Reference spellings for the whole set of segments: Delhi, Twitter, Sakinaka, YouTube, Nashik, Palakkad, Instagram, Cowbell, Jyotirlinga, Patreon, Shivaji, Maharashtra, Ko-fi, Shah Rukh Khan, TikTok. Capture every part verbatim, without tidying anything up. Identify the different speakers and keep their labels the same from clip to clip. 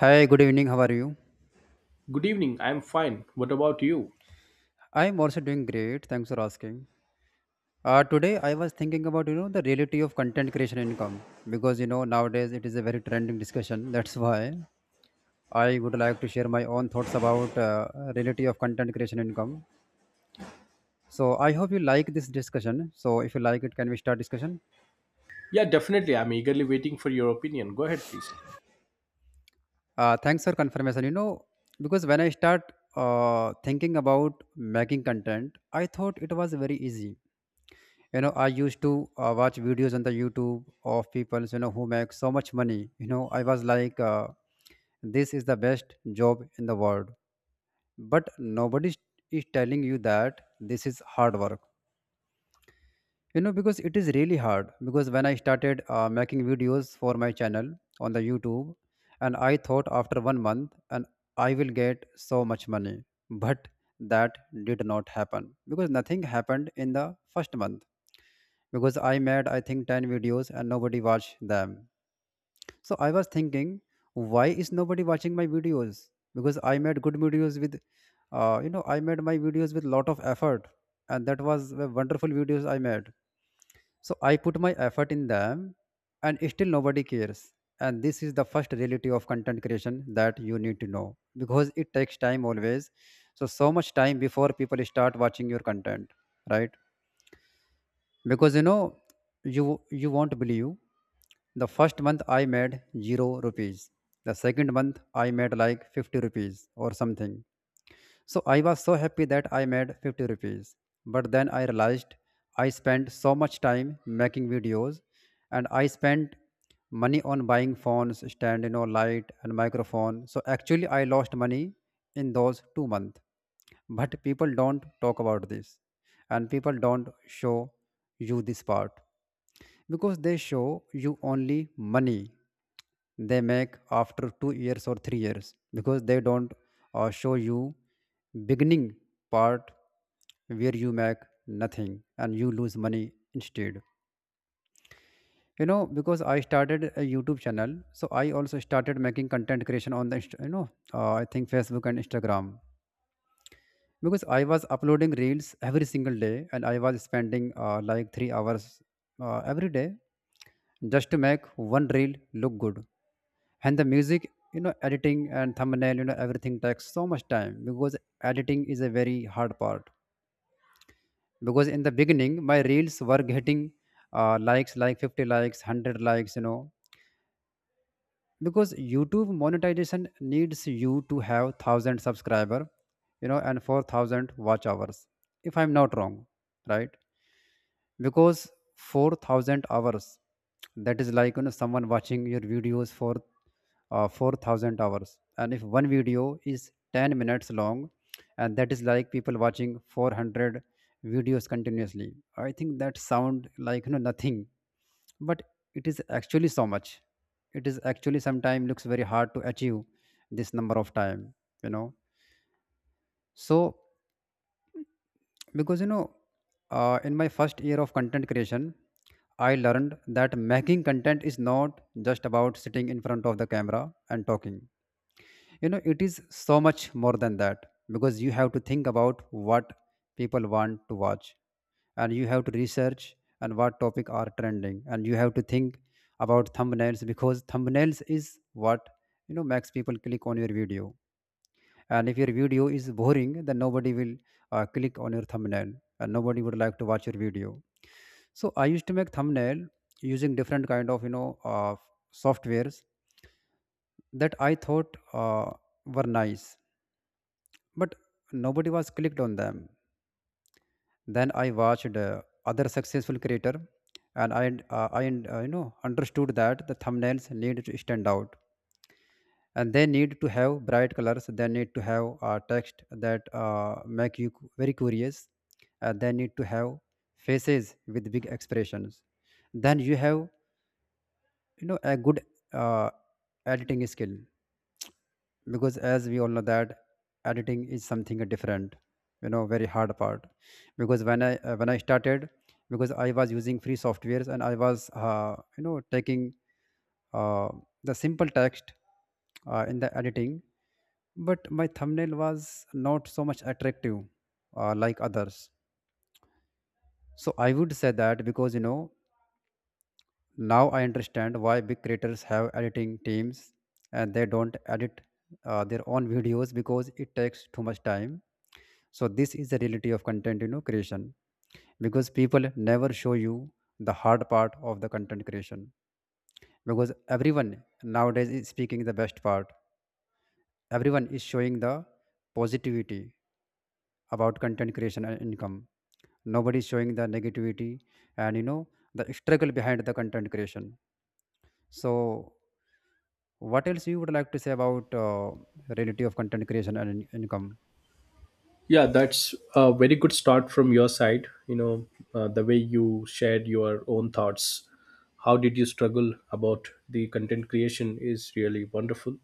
Speaker 1: Hi, good evening. How are you?
Speaker 2: Good evening. I'm fine. What about you?
Speaker 1: I'm also doing great. Thanks for asking. Uh, today I was thinking about you know the reality of content creation income because you know nowadays it is a very trending discussion. That's why I would like to share my own thoughts about uh, reality of content creation income. So I hope you like this discussion. So if you like it, can we start discussion?
Speaker 2: Yeah, definitely. I'm eagerly waiting for your opinion. Go ahead, please.
Speaker 1: Uh, thanks for confirmation. You know because when I start uh, thinking about making content, I thought it was very easy. you know I used to uh, watch videos on the YouTube of people, you know who make so much money. you know I was like, uh, this is the best job in the world. But nobody is telling you that this is hard work, you know because it is really hard. Because when I started uh, making videos for my channel on the YouTube, and I thought after one month and I will get so much money, but that did not happen. Because nothing happened in the first month, because I made, I think, ten videos and nobody watched them. So I was thinking, why is nobody watching my videos? Because I made good videos with, uh, you know, I made my videos with lot of effort, and that was the wonderful videos I made. So I put my effort in them, and still nobody cares. And this is the first reality of content creation that you need to know because it takes time always. So so much time before people start watching your content, right? Because, you know, you you won't believe. The first month I made zero rupees. The second month I made like fifty rupees or something. So I was so happy that I made fifty rupees. But then I realized I spent so much time making videos, and I spent money on buying phones, stand, you know, light and microphone. So actually I lost money in those two months. But people don't talk about this, and people don't show you this part because they show you only money they make after two years or three years, because they don't uh, show you beginning part where you make nothing and you lose money instead. You know because I started a YouTube channel, so I also started making content creation on the Inst- you know uh, I think Facebook and Instagram. Because I was uploading reels every single day, and I was spending uh, like three hours uh, every day just to make one reel look good. And the music, you know, editing and thumbnail, you know, everything takes so much time because editing is a very hard part. Because in the beginning, my reels were getting uh, likes, like fifty likes, one hundred likes, you know, because YouTube monetization needs you to have one thousand subscriber, you know and four thousand watch hours, if I'm not wrong, right? Because four thousand hours, that is like, you know someone watching your videos for uh, four thousand hours, and if one video is ten minutes long, and that is like people watching four hundred videos continuously. I think that sound like, you know nothing, but it is actually so much. It is actually sometime looks very hard to achieve this number of time, you know so because you know uh, in my first year of content creation, I learned that making content is not just about sitting in front of the camera and talking. You know it is so much more than that. Because you have to think about what people want to watch, and you have to research, and what topic are trending, and you have to think about thumbnails because thumbnails is what, you know makes people click on your video. And if your video is boring, then nobody will uh, click on your thumbnail, and nobody would like to watch your video. So I used to make thumbnail using different kind of you know uh, softwares that I thought uh, were nice, but nobody was clicked on them. Then I watched uh, other successful creator, and I uh, I uh, you know understood that the thumbnails need to stand out, and they need to have bright colors. They need to have uh, text that uh, make you cu- very curious. Uh, they need to have faces with big expressions. Then you have you know a good uh, editing skill, because as we all know that editing is something different, you know very hard part. Because when i uh, when i started, because I was using free softwares, and I was uh, you know taking uh, the simple text uh, in the editing, but my thumbnail was not so much attractive uh, like others. So I would say that, because you know now I understand why big creators have editing teams and they don't edit uh, their own videos, because it takes too much time. So this is the reality of content you know creation. Because people never show you the hard part of the content creation, because everyone nowadays is speaking the best part. Everyone is showing the positivity about content creation and income. Nobody is showing the negativity and, you know the struggle behind the content creation. So what else you would like to say about uh, reality of content creation and in- income?
Speaker 2: Yeah, that's a very good start from your side. You know, uh, the way you shared your own thoughts. How did you struggle about the content creation is really wonderful.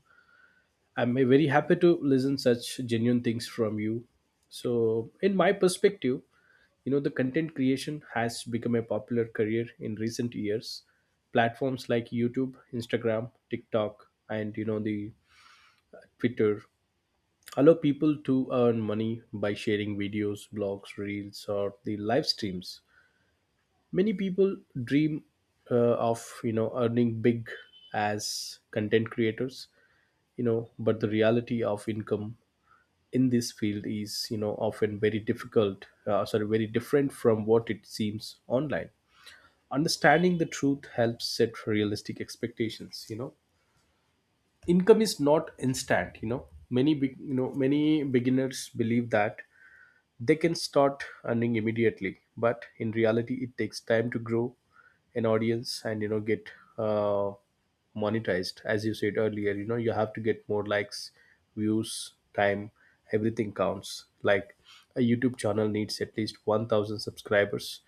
Speaker 2: I'm very happy to listen such genuine things from you. So, in my perspective, you know, the content creation has become a popular career in recent years. Platforms like YouTube, Instagram, TikTok, and you know the Twitter allow people to earn money by sharing videos, blogs, reels, or the live streams. Many people dream, uh, of, you know, earning big as content creators. You know, but the reality of income in this field is, you know, often very difficult, uh, sorry, very different from what it seems online. Understanding the truth helps set realistic expectations, you know. Income is not instant. You know, many big, you know, many beginners believe that they can start earning immediately, but in reality, it takes time to grow an audience and, you know, get uh, monetized. As you said earlier, you know, you have to get more likes, views, time. Everything counts. Like a YouTube channel needs at least one thousand subscribers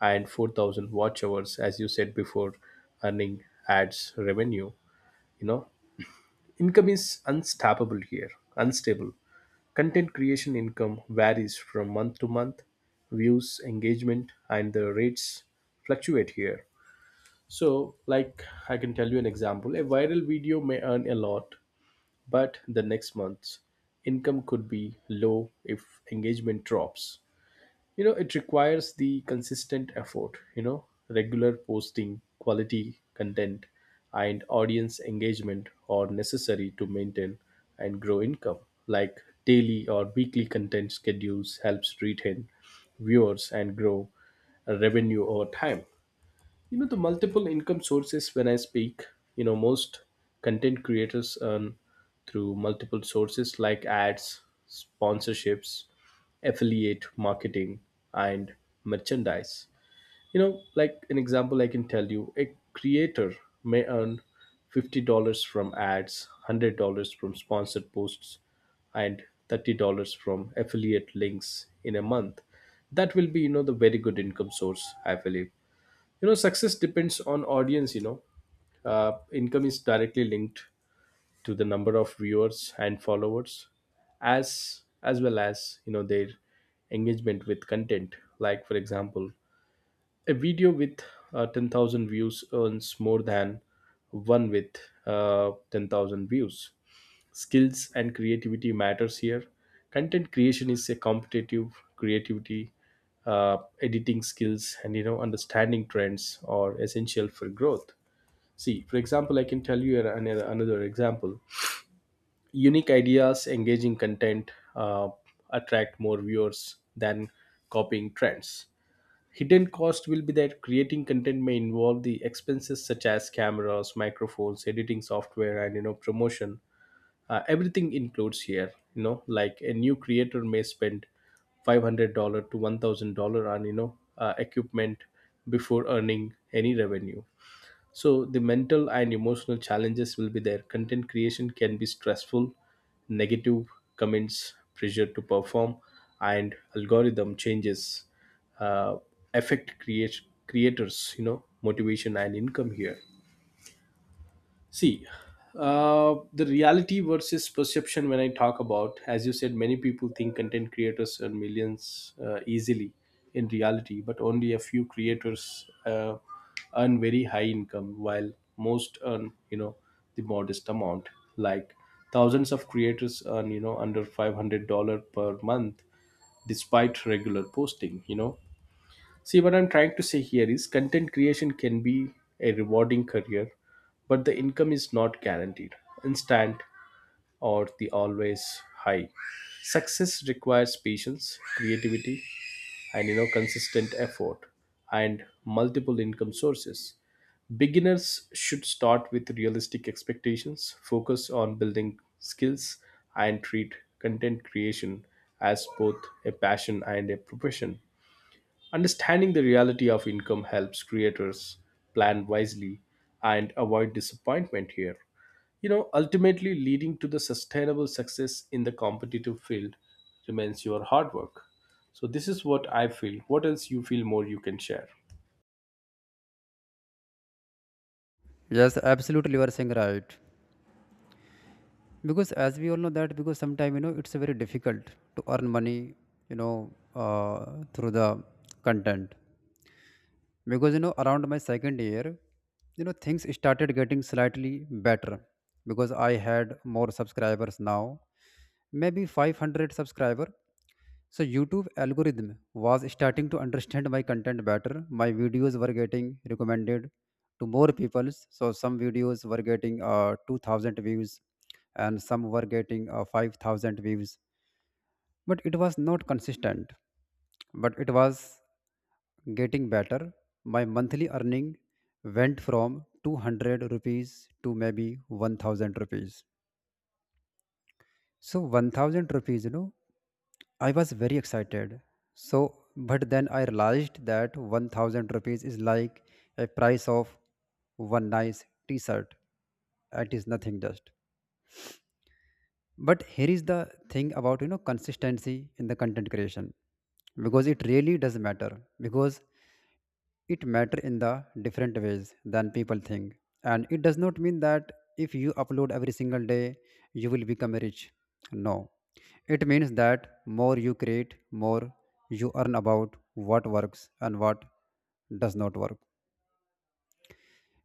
Speaker 2: and four thousand watch hours, as you said before, earning ads revenue. You know, income is unstoppable here, unstable. Content creation income varies from month to month. Views, engagement, and the rates fluctuate here. So, like, I can tell you an example, a viral video may earn a lot, but the next month's income could be low if engagement drops. You know, it requires the consistent effort. You know, regular posting, quality content, and audience engagement are necessary to maintain and grow income. Like daily or weekly content schedules helps retain viewers and grow revenue over time. You know, the multiple income sources, when I speak, you know, most content creators earn through multiple sources like ads, sponsorships, affiliate marketing, and merchandise. You know, like an example, I can tell you, a creator may earn fifty dollars from ads, one hundred dollars from sponsored posts, and thirty dollars from affiliate links in a month. That will be, you know, the very good income source, I believe. You know, success depends on audience. You know, uh, income is directly linked to the number of viewers and followers, as as well as, you know, their engagement with content. Like, for example, a video with uh, ten thousand views earns more than one with uh, ten thousand views. Skills and creativity matters here. Content creation is a competitive creativity, uh, editing skills, and you know understanding trends are essential for growth. See, for example, I can tell you another, another example. Unique ideas, engaging content uh, attract more viewers than copying trends. Hidden cost will be that creating content may involve the expenses such as cameras, microphones, editing software, and you know promotion. Uh, everything includes here. You know, like a new creator may spend five hundred dollar to one thousand dollar on, you know, uh, equipment before earning any revenue. So the mental and emotional challenges will be there. Content creation can be stressful, negative comments, pressure to perform, and algorithm changes uh, affect create creators. You know, motivation and income here. See, uh, the reality versus perception, when I talk about, as you said, many people think content creators earn millions uh, easily, in reality, but only a few creators uh, earn very high income, while most earn, you know, the modest amount. Like thousands of creators earn, you know, under five hundred dollars per month despite regular posting, you know. See, what I'm trying to say here is content creation can be a rewarding career, but the income is not guaranteed, instant, or the always high. Success requires patience, creativity, and you know consistent effort and multiple income sources. Beginners should start with realistic expectations, focus on building skills, and treat content creation as both a passion and a profession. Understanding the reality of income helps creators plan wisely and avoid disappointment here. You know, ultimately leading to the sustainable success in the competitive field remains your hard work. So this is what I feel. What else you feel more you can share?
Speaker 1: Yes, absolutely, you are saying right. Because as we all know that, because sometimes, you know it's very difficult to earn money, you know uh, through the content. Because, you know around my second year, you know things started getting slightly better, because I had more subscribers now, maybe five hundred subscriber. So YouTube algorithm was starting to understand my content better. My videos were getting recommended to more people. So some videos were getting uh, two thousand views, and some were getting uh, five thousand views. But it was not consistent. But it was getting better. My monthly earning went from two hundred rupees to maybe one thousand rupees. So one thousand rupees, you know, I was very excited. So, but then I realized that one thousand rupees is like a price of one nice t-shirt. It is nothing just. But here is the thing about you know, consistency in the content creation, because it really does matter, because it matter in the different ways than people think. And it does not mean that if you upload every single day you will become rich. No. It means that more you create, more you earn about what works and what does not work.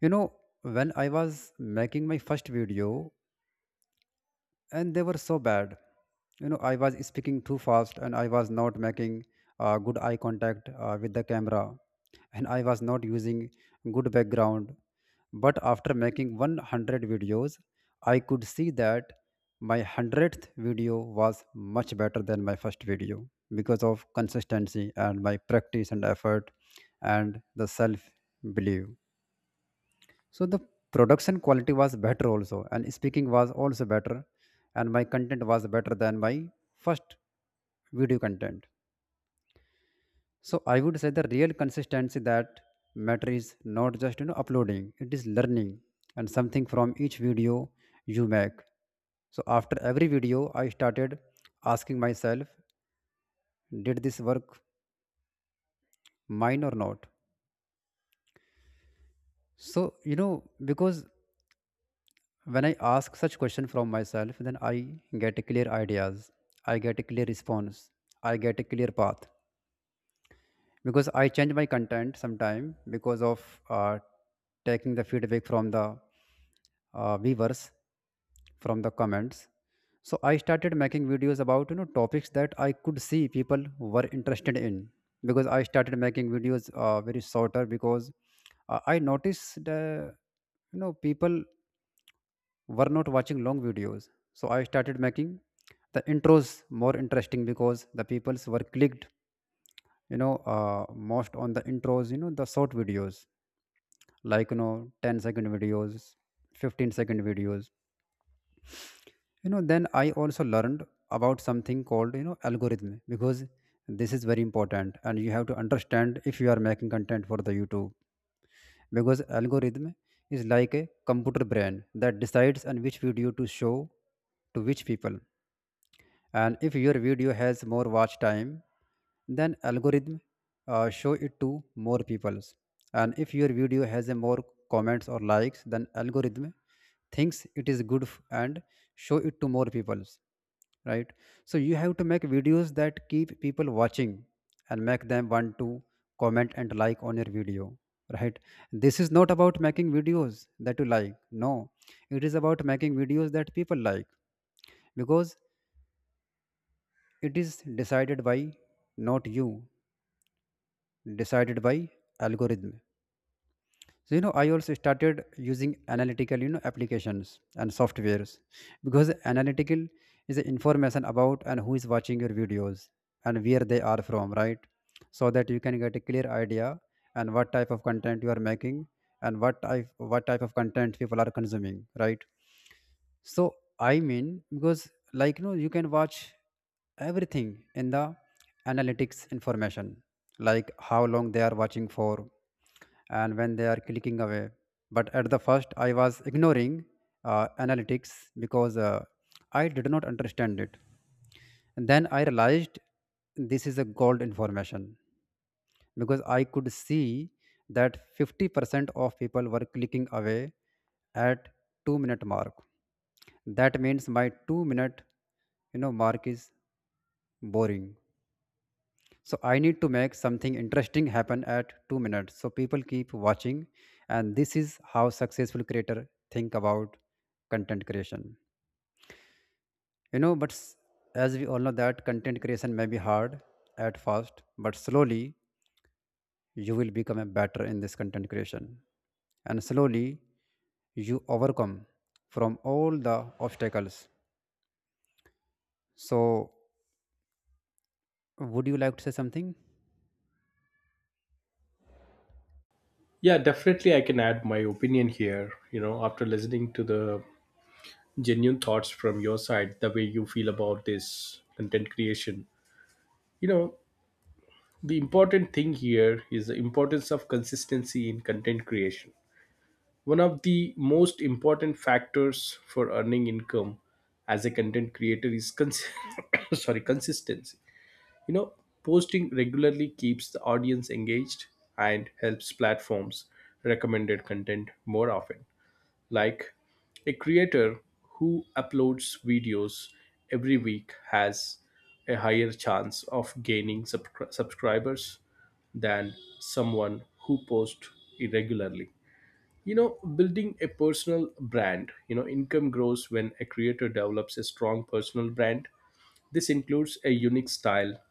Speaker 1: you know when I was making my first video, and they were so bad, you know I was speaking too fast, and I was not making uh, good eye contact uh, with the camera, and I was not using good background. But after making one hundred videos, I could see that my one hundredth video was much better than my first video because of consistency and my practice and effort and the self belief. So the production quality was better also, and speaking was also better, and my content was better than my first video content. So I would say the real consistency that matter is not just you know uploading, it is learning and something from each video you make. So after every video, I started asking myself, did this work mine or not? So, you know, because when I ask such question from myself, then I get a clear ideas. I get a clear response. I get a clear path because I change my content sometime because of uh, taking the feedback from the uh, viewers from the comments. So I started making videos about you know topics that I could see people were interested in. Because I started making videos uh, very shorter, because uh, I noticed uh, you know people were not watching long videos. So I started making the intros more interesting because the peoples were clicked, you know, uh, most on the intros, you know, the short videos, like, you know, ten second videos, fifteen second videos. You know, then I also learned about something called, you know, algorithm. Because this is very important and you have to understand if you are making content for the YouTube, because algorithm is like a computer brain that decides on which video to show to which people. And if your video has more watch time, then algorithm uh, show it to more peoples. And if your video has a more comments or likes, then algorithm thinks it is good f- and show it to more peoples, right? So you have to make videos that keep people watching and make them want to comment and like on your video, right? This is not about making videos that you like. No, it is about making videos that people like, because it is decided by not you, decided by algorithm. So you know, I also started using analytical, you know, applications and softwares, because analytical is the information about and who is watching your videos and where they are from, right? So that you can get a clear idea and what type of content you are making, and what type what type of content people are consuming, right? So I mean, because like, you know, you can watch everything in the analytics information, like how long they are watching for, and when they are clicking away. But at the first, I was ignoring uh, analytics because uh, I did not understand it. And then I realized this is a gold information, because I could see that fifty percent of people were clicking away at two minute mark. That means my two minute, you know, mark is boring. So I need to make something interesting happen at two minutes so people keep watching. And this is how successful creator think about content creation. You know, but s- as we all know that content creation may be hard at first, but slowly you will become a better in this content creation, and slowly you overcome from all the obstacles. So would you like to say something?
Speaker 2: Yeah, definitely I can add my opinion here, you know, after listening to the genuine thoughts from your side, the way you feel about this content creation. You know, the important thing here is the importance of consistency in content creation. One of the most important factors for earning income as a content creator is cons- sorry, consistency. You know, posting regularly keeps the audience engaged and helps platforms recommended content more often. Like a creator who uploads videos every week has a higher chance of gaining subscri- subscribers than someone who posts irregularly. You know, building a personal brand, you know, income grows when a creator develops a strong personal brand. This includes a unique style,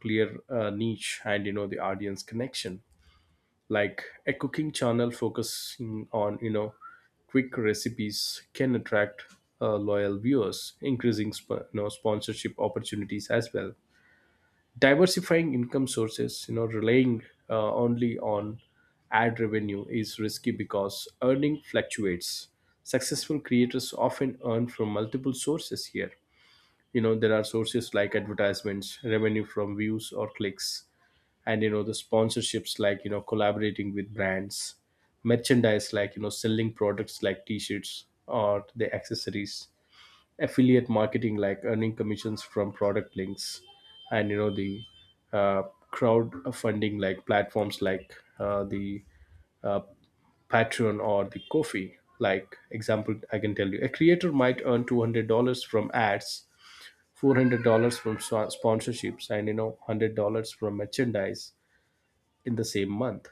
Speaker 2: clear uh, niche, and you know, the audience connection, like a cooking channel focusing on, you know, quick recipes can attract uh, loyal viewers, increasing sp- you know, sponsorship opportunities as well. Diversifying income sources, you know, relying uh, only on ad revenue is risky because earning fluctuates. Successful creators often earn from multiple sources here. You know, there are sources like advertisements, revenue from views or clicks, and you know the sponsorships, like, you know, collaborating with brands; merchandise, like, you know, selling products like t-shirts or the accessories; affiliate marketing, like earning commissions from product links; and you know the uh, crowdfunding, like platforms like uh, the uh, Patreon or the Ko-fi. Like, example, I can tell you a creator might earn two hundred dollars from ads, four hundred dollars from swa- sponsorships, and you know hundred dollars from merchandise in the same month.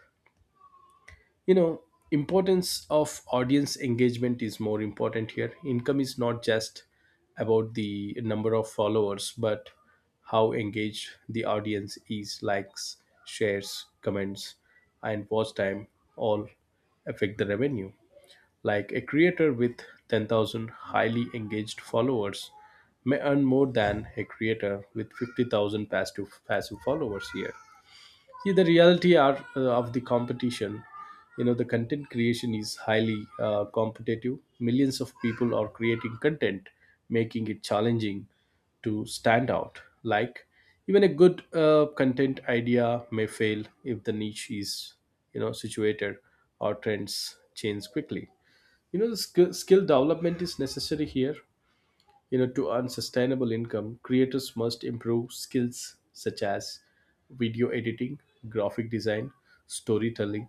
Speaker 2: You know, importance of audience engagement is more important here. Income is not just about the number of followers, but how engaged the audience is. Likes, shares, comments, and watch time all affect the revenue. Like a creator with ten thousand highly engaged followers may earn more than a creator with fifty thousand passive passive followers here. See, the reality are, uh, of the competition, you know, the content creation is highly uh, competitive. Millions of people are creating content, making it challenging to stand out. Like, even a good uh, content idea may fail if the niche is, you know, situated, or trends change quickly. You know, the skill, skill development is necessary here. You know, to earn sustainable income, creators must improve skills such as video editing, graphic design, storytelling,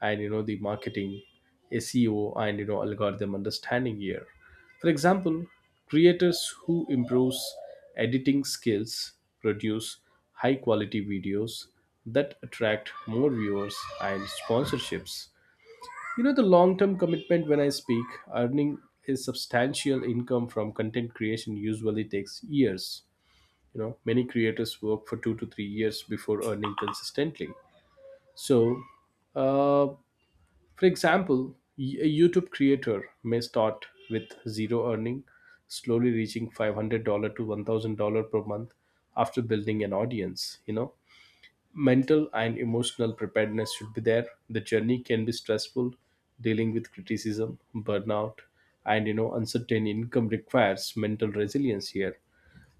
Speaker 2: and you know the marketing, SEO, and you know algorithm understanding here. For example, creators who improves editing skills produce high quality videos that attract more viewers and sponsorships. You know, the long term commitment, when I speak, earning a substantial income from content creation usually takes years. You know, many creators work for two to three years before earning consistently. So, uh, for example, y- a YouTube creator may start with zero earning, slowly reaching five hundred dollars to one thousand dollars per month after building an audience. You know, mental and emotional preparedness should be there. The journey can be stressful, dealing with criticism, burnout, and you know uncertain income requires mental resilience here.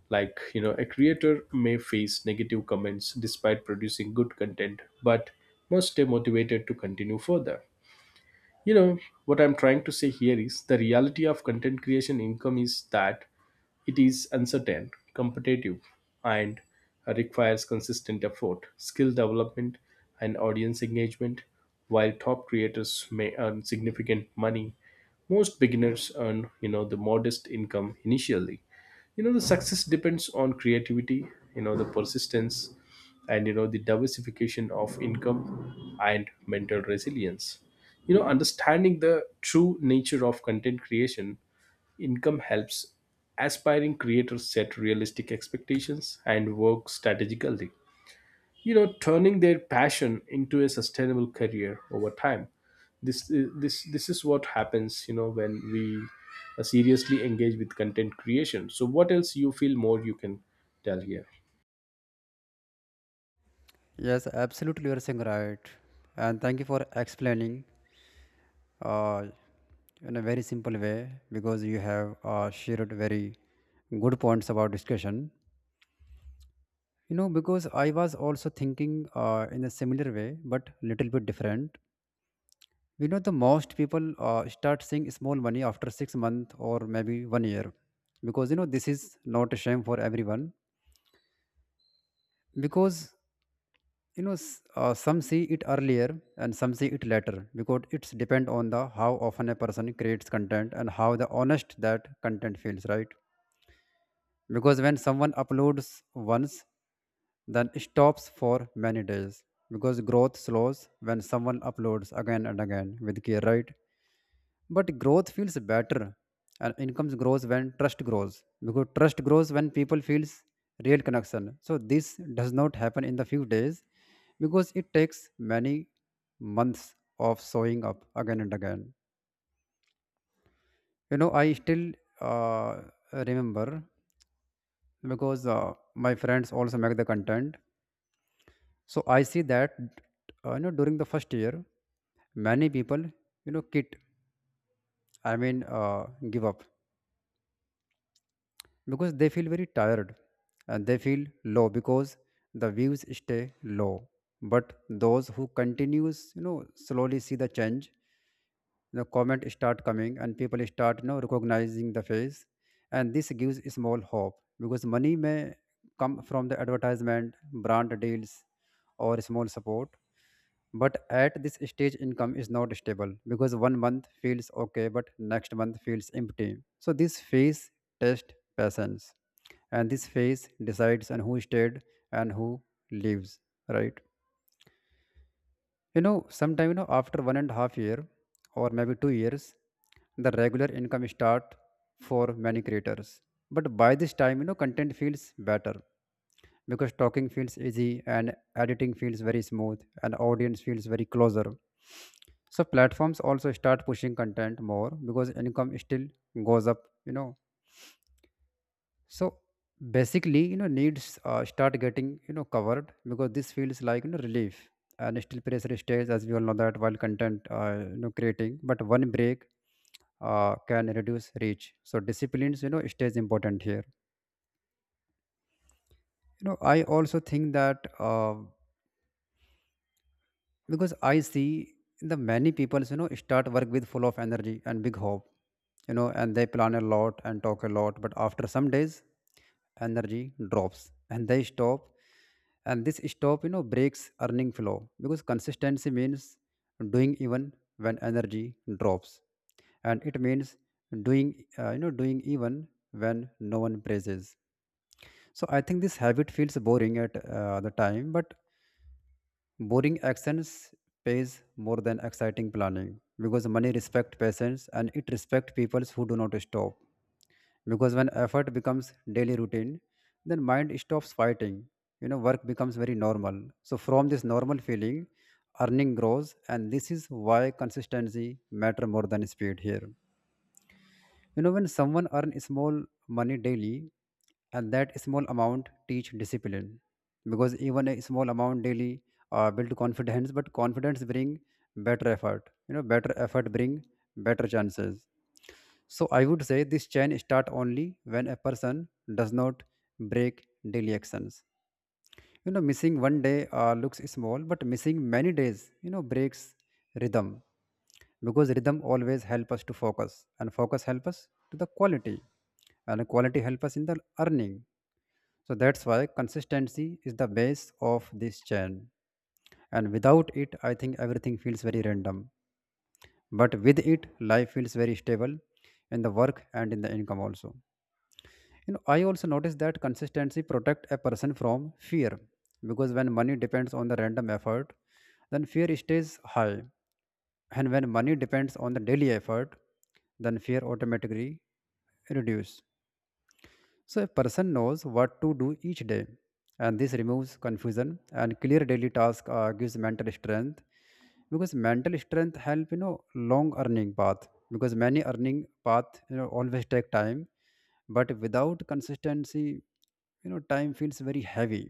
Speaker 2: Like, you know, a creator may face negative comments despite producing good content, but must stay motivated to continue further. You know, what I'm trying to say here is the reality of content creation income is that it is uncertain, competitive, and requires consistent effort, skill development, and audience engagement. While top creators may earn significant money, most beginners earn, you know, the modest income initially. You know, the success depends on creativity, you know, the persistence, and you know, the diversification of income and mental resilience. You know, understanding the true nature of content creation income helps aspiring creators set realistic expectations and work strategically. You know, turning their passion into a sustainable career over time. This I- this this is what happens. You know, when we uh, seriously engage with content creation. So, what else you feel more you can tell here?
Speaker 1: Yes, absolutely, you're saying right. And thank you for explaining, uh, in a very simple way, because you have uh, shared very good points about discussion. You know, because I was also thinking uh, in a similar way, but little bit different. You know, the most people uh, start seeing small money after six months or maybe one year, because you know this is not a shame for everyone, because you know s- uh, some see it earlier and some see it later, because it's depend on the how often a person creates content and how the honest that content feels, right? Because when someone uploads once, then stops for many days, because growth slows. When someone uploads again and again with care, right, but growth feels better and income grows when trust grows, because trust grows when people feels real connection. So this does not happen in the few days, because it takes many months of showing up again and again. You know, I still uh, remember, because uh, my friends also make the content. So I see that, uh, you know, during the first year, many people, you know, quit. I mean, uh, give up, because they feel very tired and they feel low because the views stay low. But those who continues, you know, slowly see the change. The comment start coming and people start, you know, recognizing the face, and this gives a small hope because money may come from the advertisement, brand deals, or small support. But at this stage, income is not stable, because one month feels okay, but next month feels empty. So this phase tests patience, and this phase decides and who stayed and who leaves, right? You know, sometime you know after one and a half year, or maybe two years, the regular income start for many creators. But by this time, you know, content feels better, because talking feels easy and editing feels very smooth and audience feels very closer. So platforms also start pushing content more, because income still goes up, you know. So basically, you know, needs uh, start getting, you know, covered, because this feels like, you know, relief. And still pressure stays, as we all know, that while content, uh, you know, creating, but one break uh, can reduce reach. So disciplines, you know, stays important here. You know, I also think that, uh, because I see the many people, you know, start work with full of energy and big hope, you know, and they plan a lot and talk a lot. But after some days, energy drops and they stop, and this stop, you know, breaks earning flow, because consistency means doing even when energy drops. And it means doing uh, you know doing even when no one praises. So I think this habit feels boring at uh, the time, but boring actions pays more than exciting planning, because money respect patience and it respect people who do not stop. Because when effort becomes daily routine, then mind stops fighting. You know, work becomes very normal. So from this normal feeling, earning grows, and this is why consistency matter more than speed here. You know, when someone earn small money daily, and that small amount teach discipline, because even a small amount daily uh, build confidence, but confidence bring better effort. You know, better effort bring better chances. So I would say this chain start only when a person does not break daily actions. You know, missing one day uh, looks small, but missing many days, you know, breaks rhythm, because rhythm always help us to focus, and focus help us to the quality, and quality help us in the earning. So that's why consistency is the base of this chain, and without it, I think everything feels very random. But with it, life feels very stable in the work and in the income also. You know, I also noticed that consistency protect a person from fear, because when money depends on the random effort, then fear stays high. And when money depends on the daily effort, then fear automatically reduce. So a person knows what to do each day, and this removes confusion. And clear daily task uh, gives mental strength, because mental strength help, you know, long earning path, because many earning path, you know, always take time. But without consistency, you know, time feels very heavy,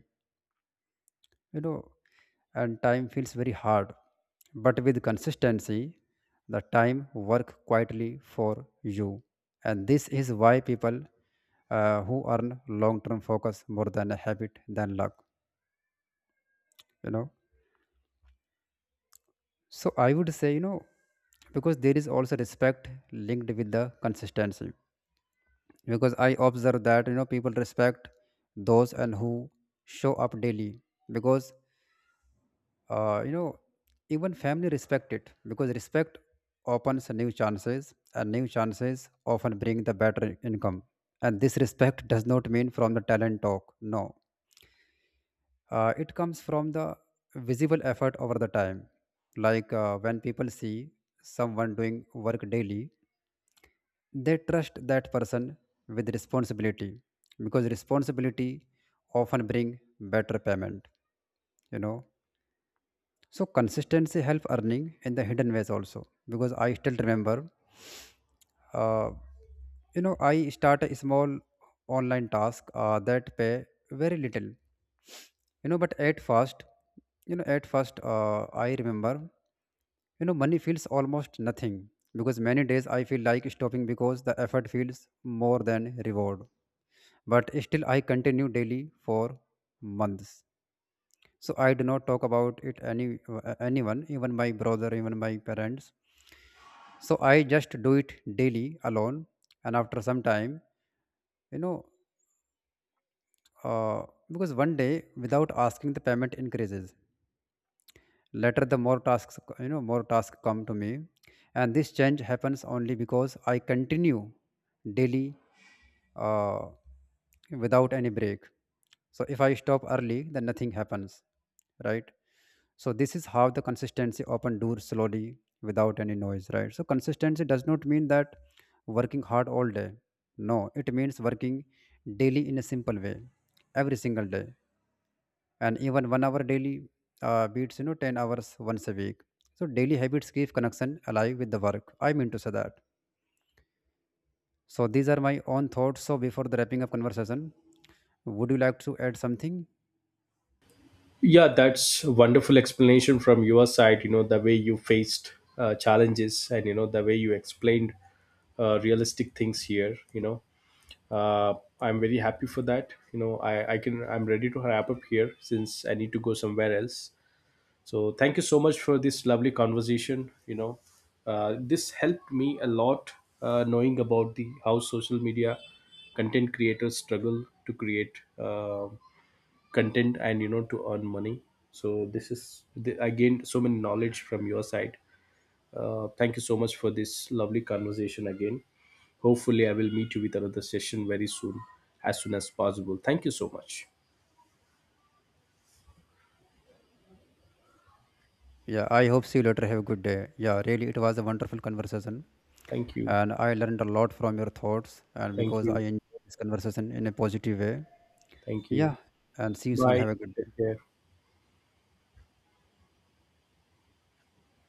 Speaker 1: you know, and time feels very hard. But with consistency, the time work quietly for you. And this is why people uh, who earn long term focus more than a habit than luck, you know. So I would say, you know, because there is also respect linked with the consistency, because I observe that, you know, people respect those and who show up daily, because, uh, you know, even family respect it, because respect opens new chances, and new chances often bring the better income. And this respect does not mean from the talent talk. No, uh, it comes from the visible effort over the time. Like, uh, when people see someone doing work daily, they trust that person with responsibility, because responsibility often bring better payment, you know. So consistency help earning in the hidden ways also, because I still remember, uh, you know, I start a small online task uh, that pay very little, you know. But at first, you know, at first uh, I remember, you know, money feels almost nothing, because many days I feel like stopping because the effort feels more than reward. But still I continue daily for months. So I do not talk about it any, uh, anyone, even my brother, even my parents. So I just do it daily alone. And after some time, you know, uh, because one day without asking the payment increases. Later the more tasks you know more tasks come to me, and this change happens only because I continue daily, uh, without any break. So if I stop early, then nothing happens, right? So this is how the consistency open doors slowly without any noise, right? So consistency does not mean that working hard all day. No, it means working daily in a simple way, every single day, and even one hour daily uh, beats, you know, ten hours once a week. So daily habits keep connection alive with the work. I mean to say that. So these are my own thoughts. So before the wrapping up conversation, would you like to add something?
Speaker 2: Yeah, that's a wonderful explanation from your side. You know, the way you faced uh, challenges and, you know, the way you explained uh, realistic things here, you know. uh, I'm very happy for that. You know, i i can, I'm ready to wrap up here since I need to go somewhere else. So thank you so much for this lovely conversation. You know, uh, this helped me a lot, uh, knowing about the how social media content creators struggle to create uh, content and you know to earn money. So this is the, I gained so many knowledge from your side. Uh, thank you so much for this lovely conversation again. Hopefully, I will meet you with another session very soon, as soon as possible. Thank you so much.
Speaker 1: Yeah, I hope see you later. Have a good day. Yeah, really, it was a wonderful conversation.
Speaker 2: Thank you.
Speaker 1: And I learned a lot from your thoughts. And
Speaker 2: Thank
Speaker 1: because I
Speaker 2: you.
Speaker 1: enjoyed this conversation in a positive way.
Speaker 2: Thank you.
Speaker 1: Yeah, and see you soon.
Speaker 2: Bye.
Speaker 1: Have a good
Speaker 2: Take
Speaker 1: day.
Speaker 2: care.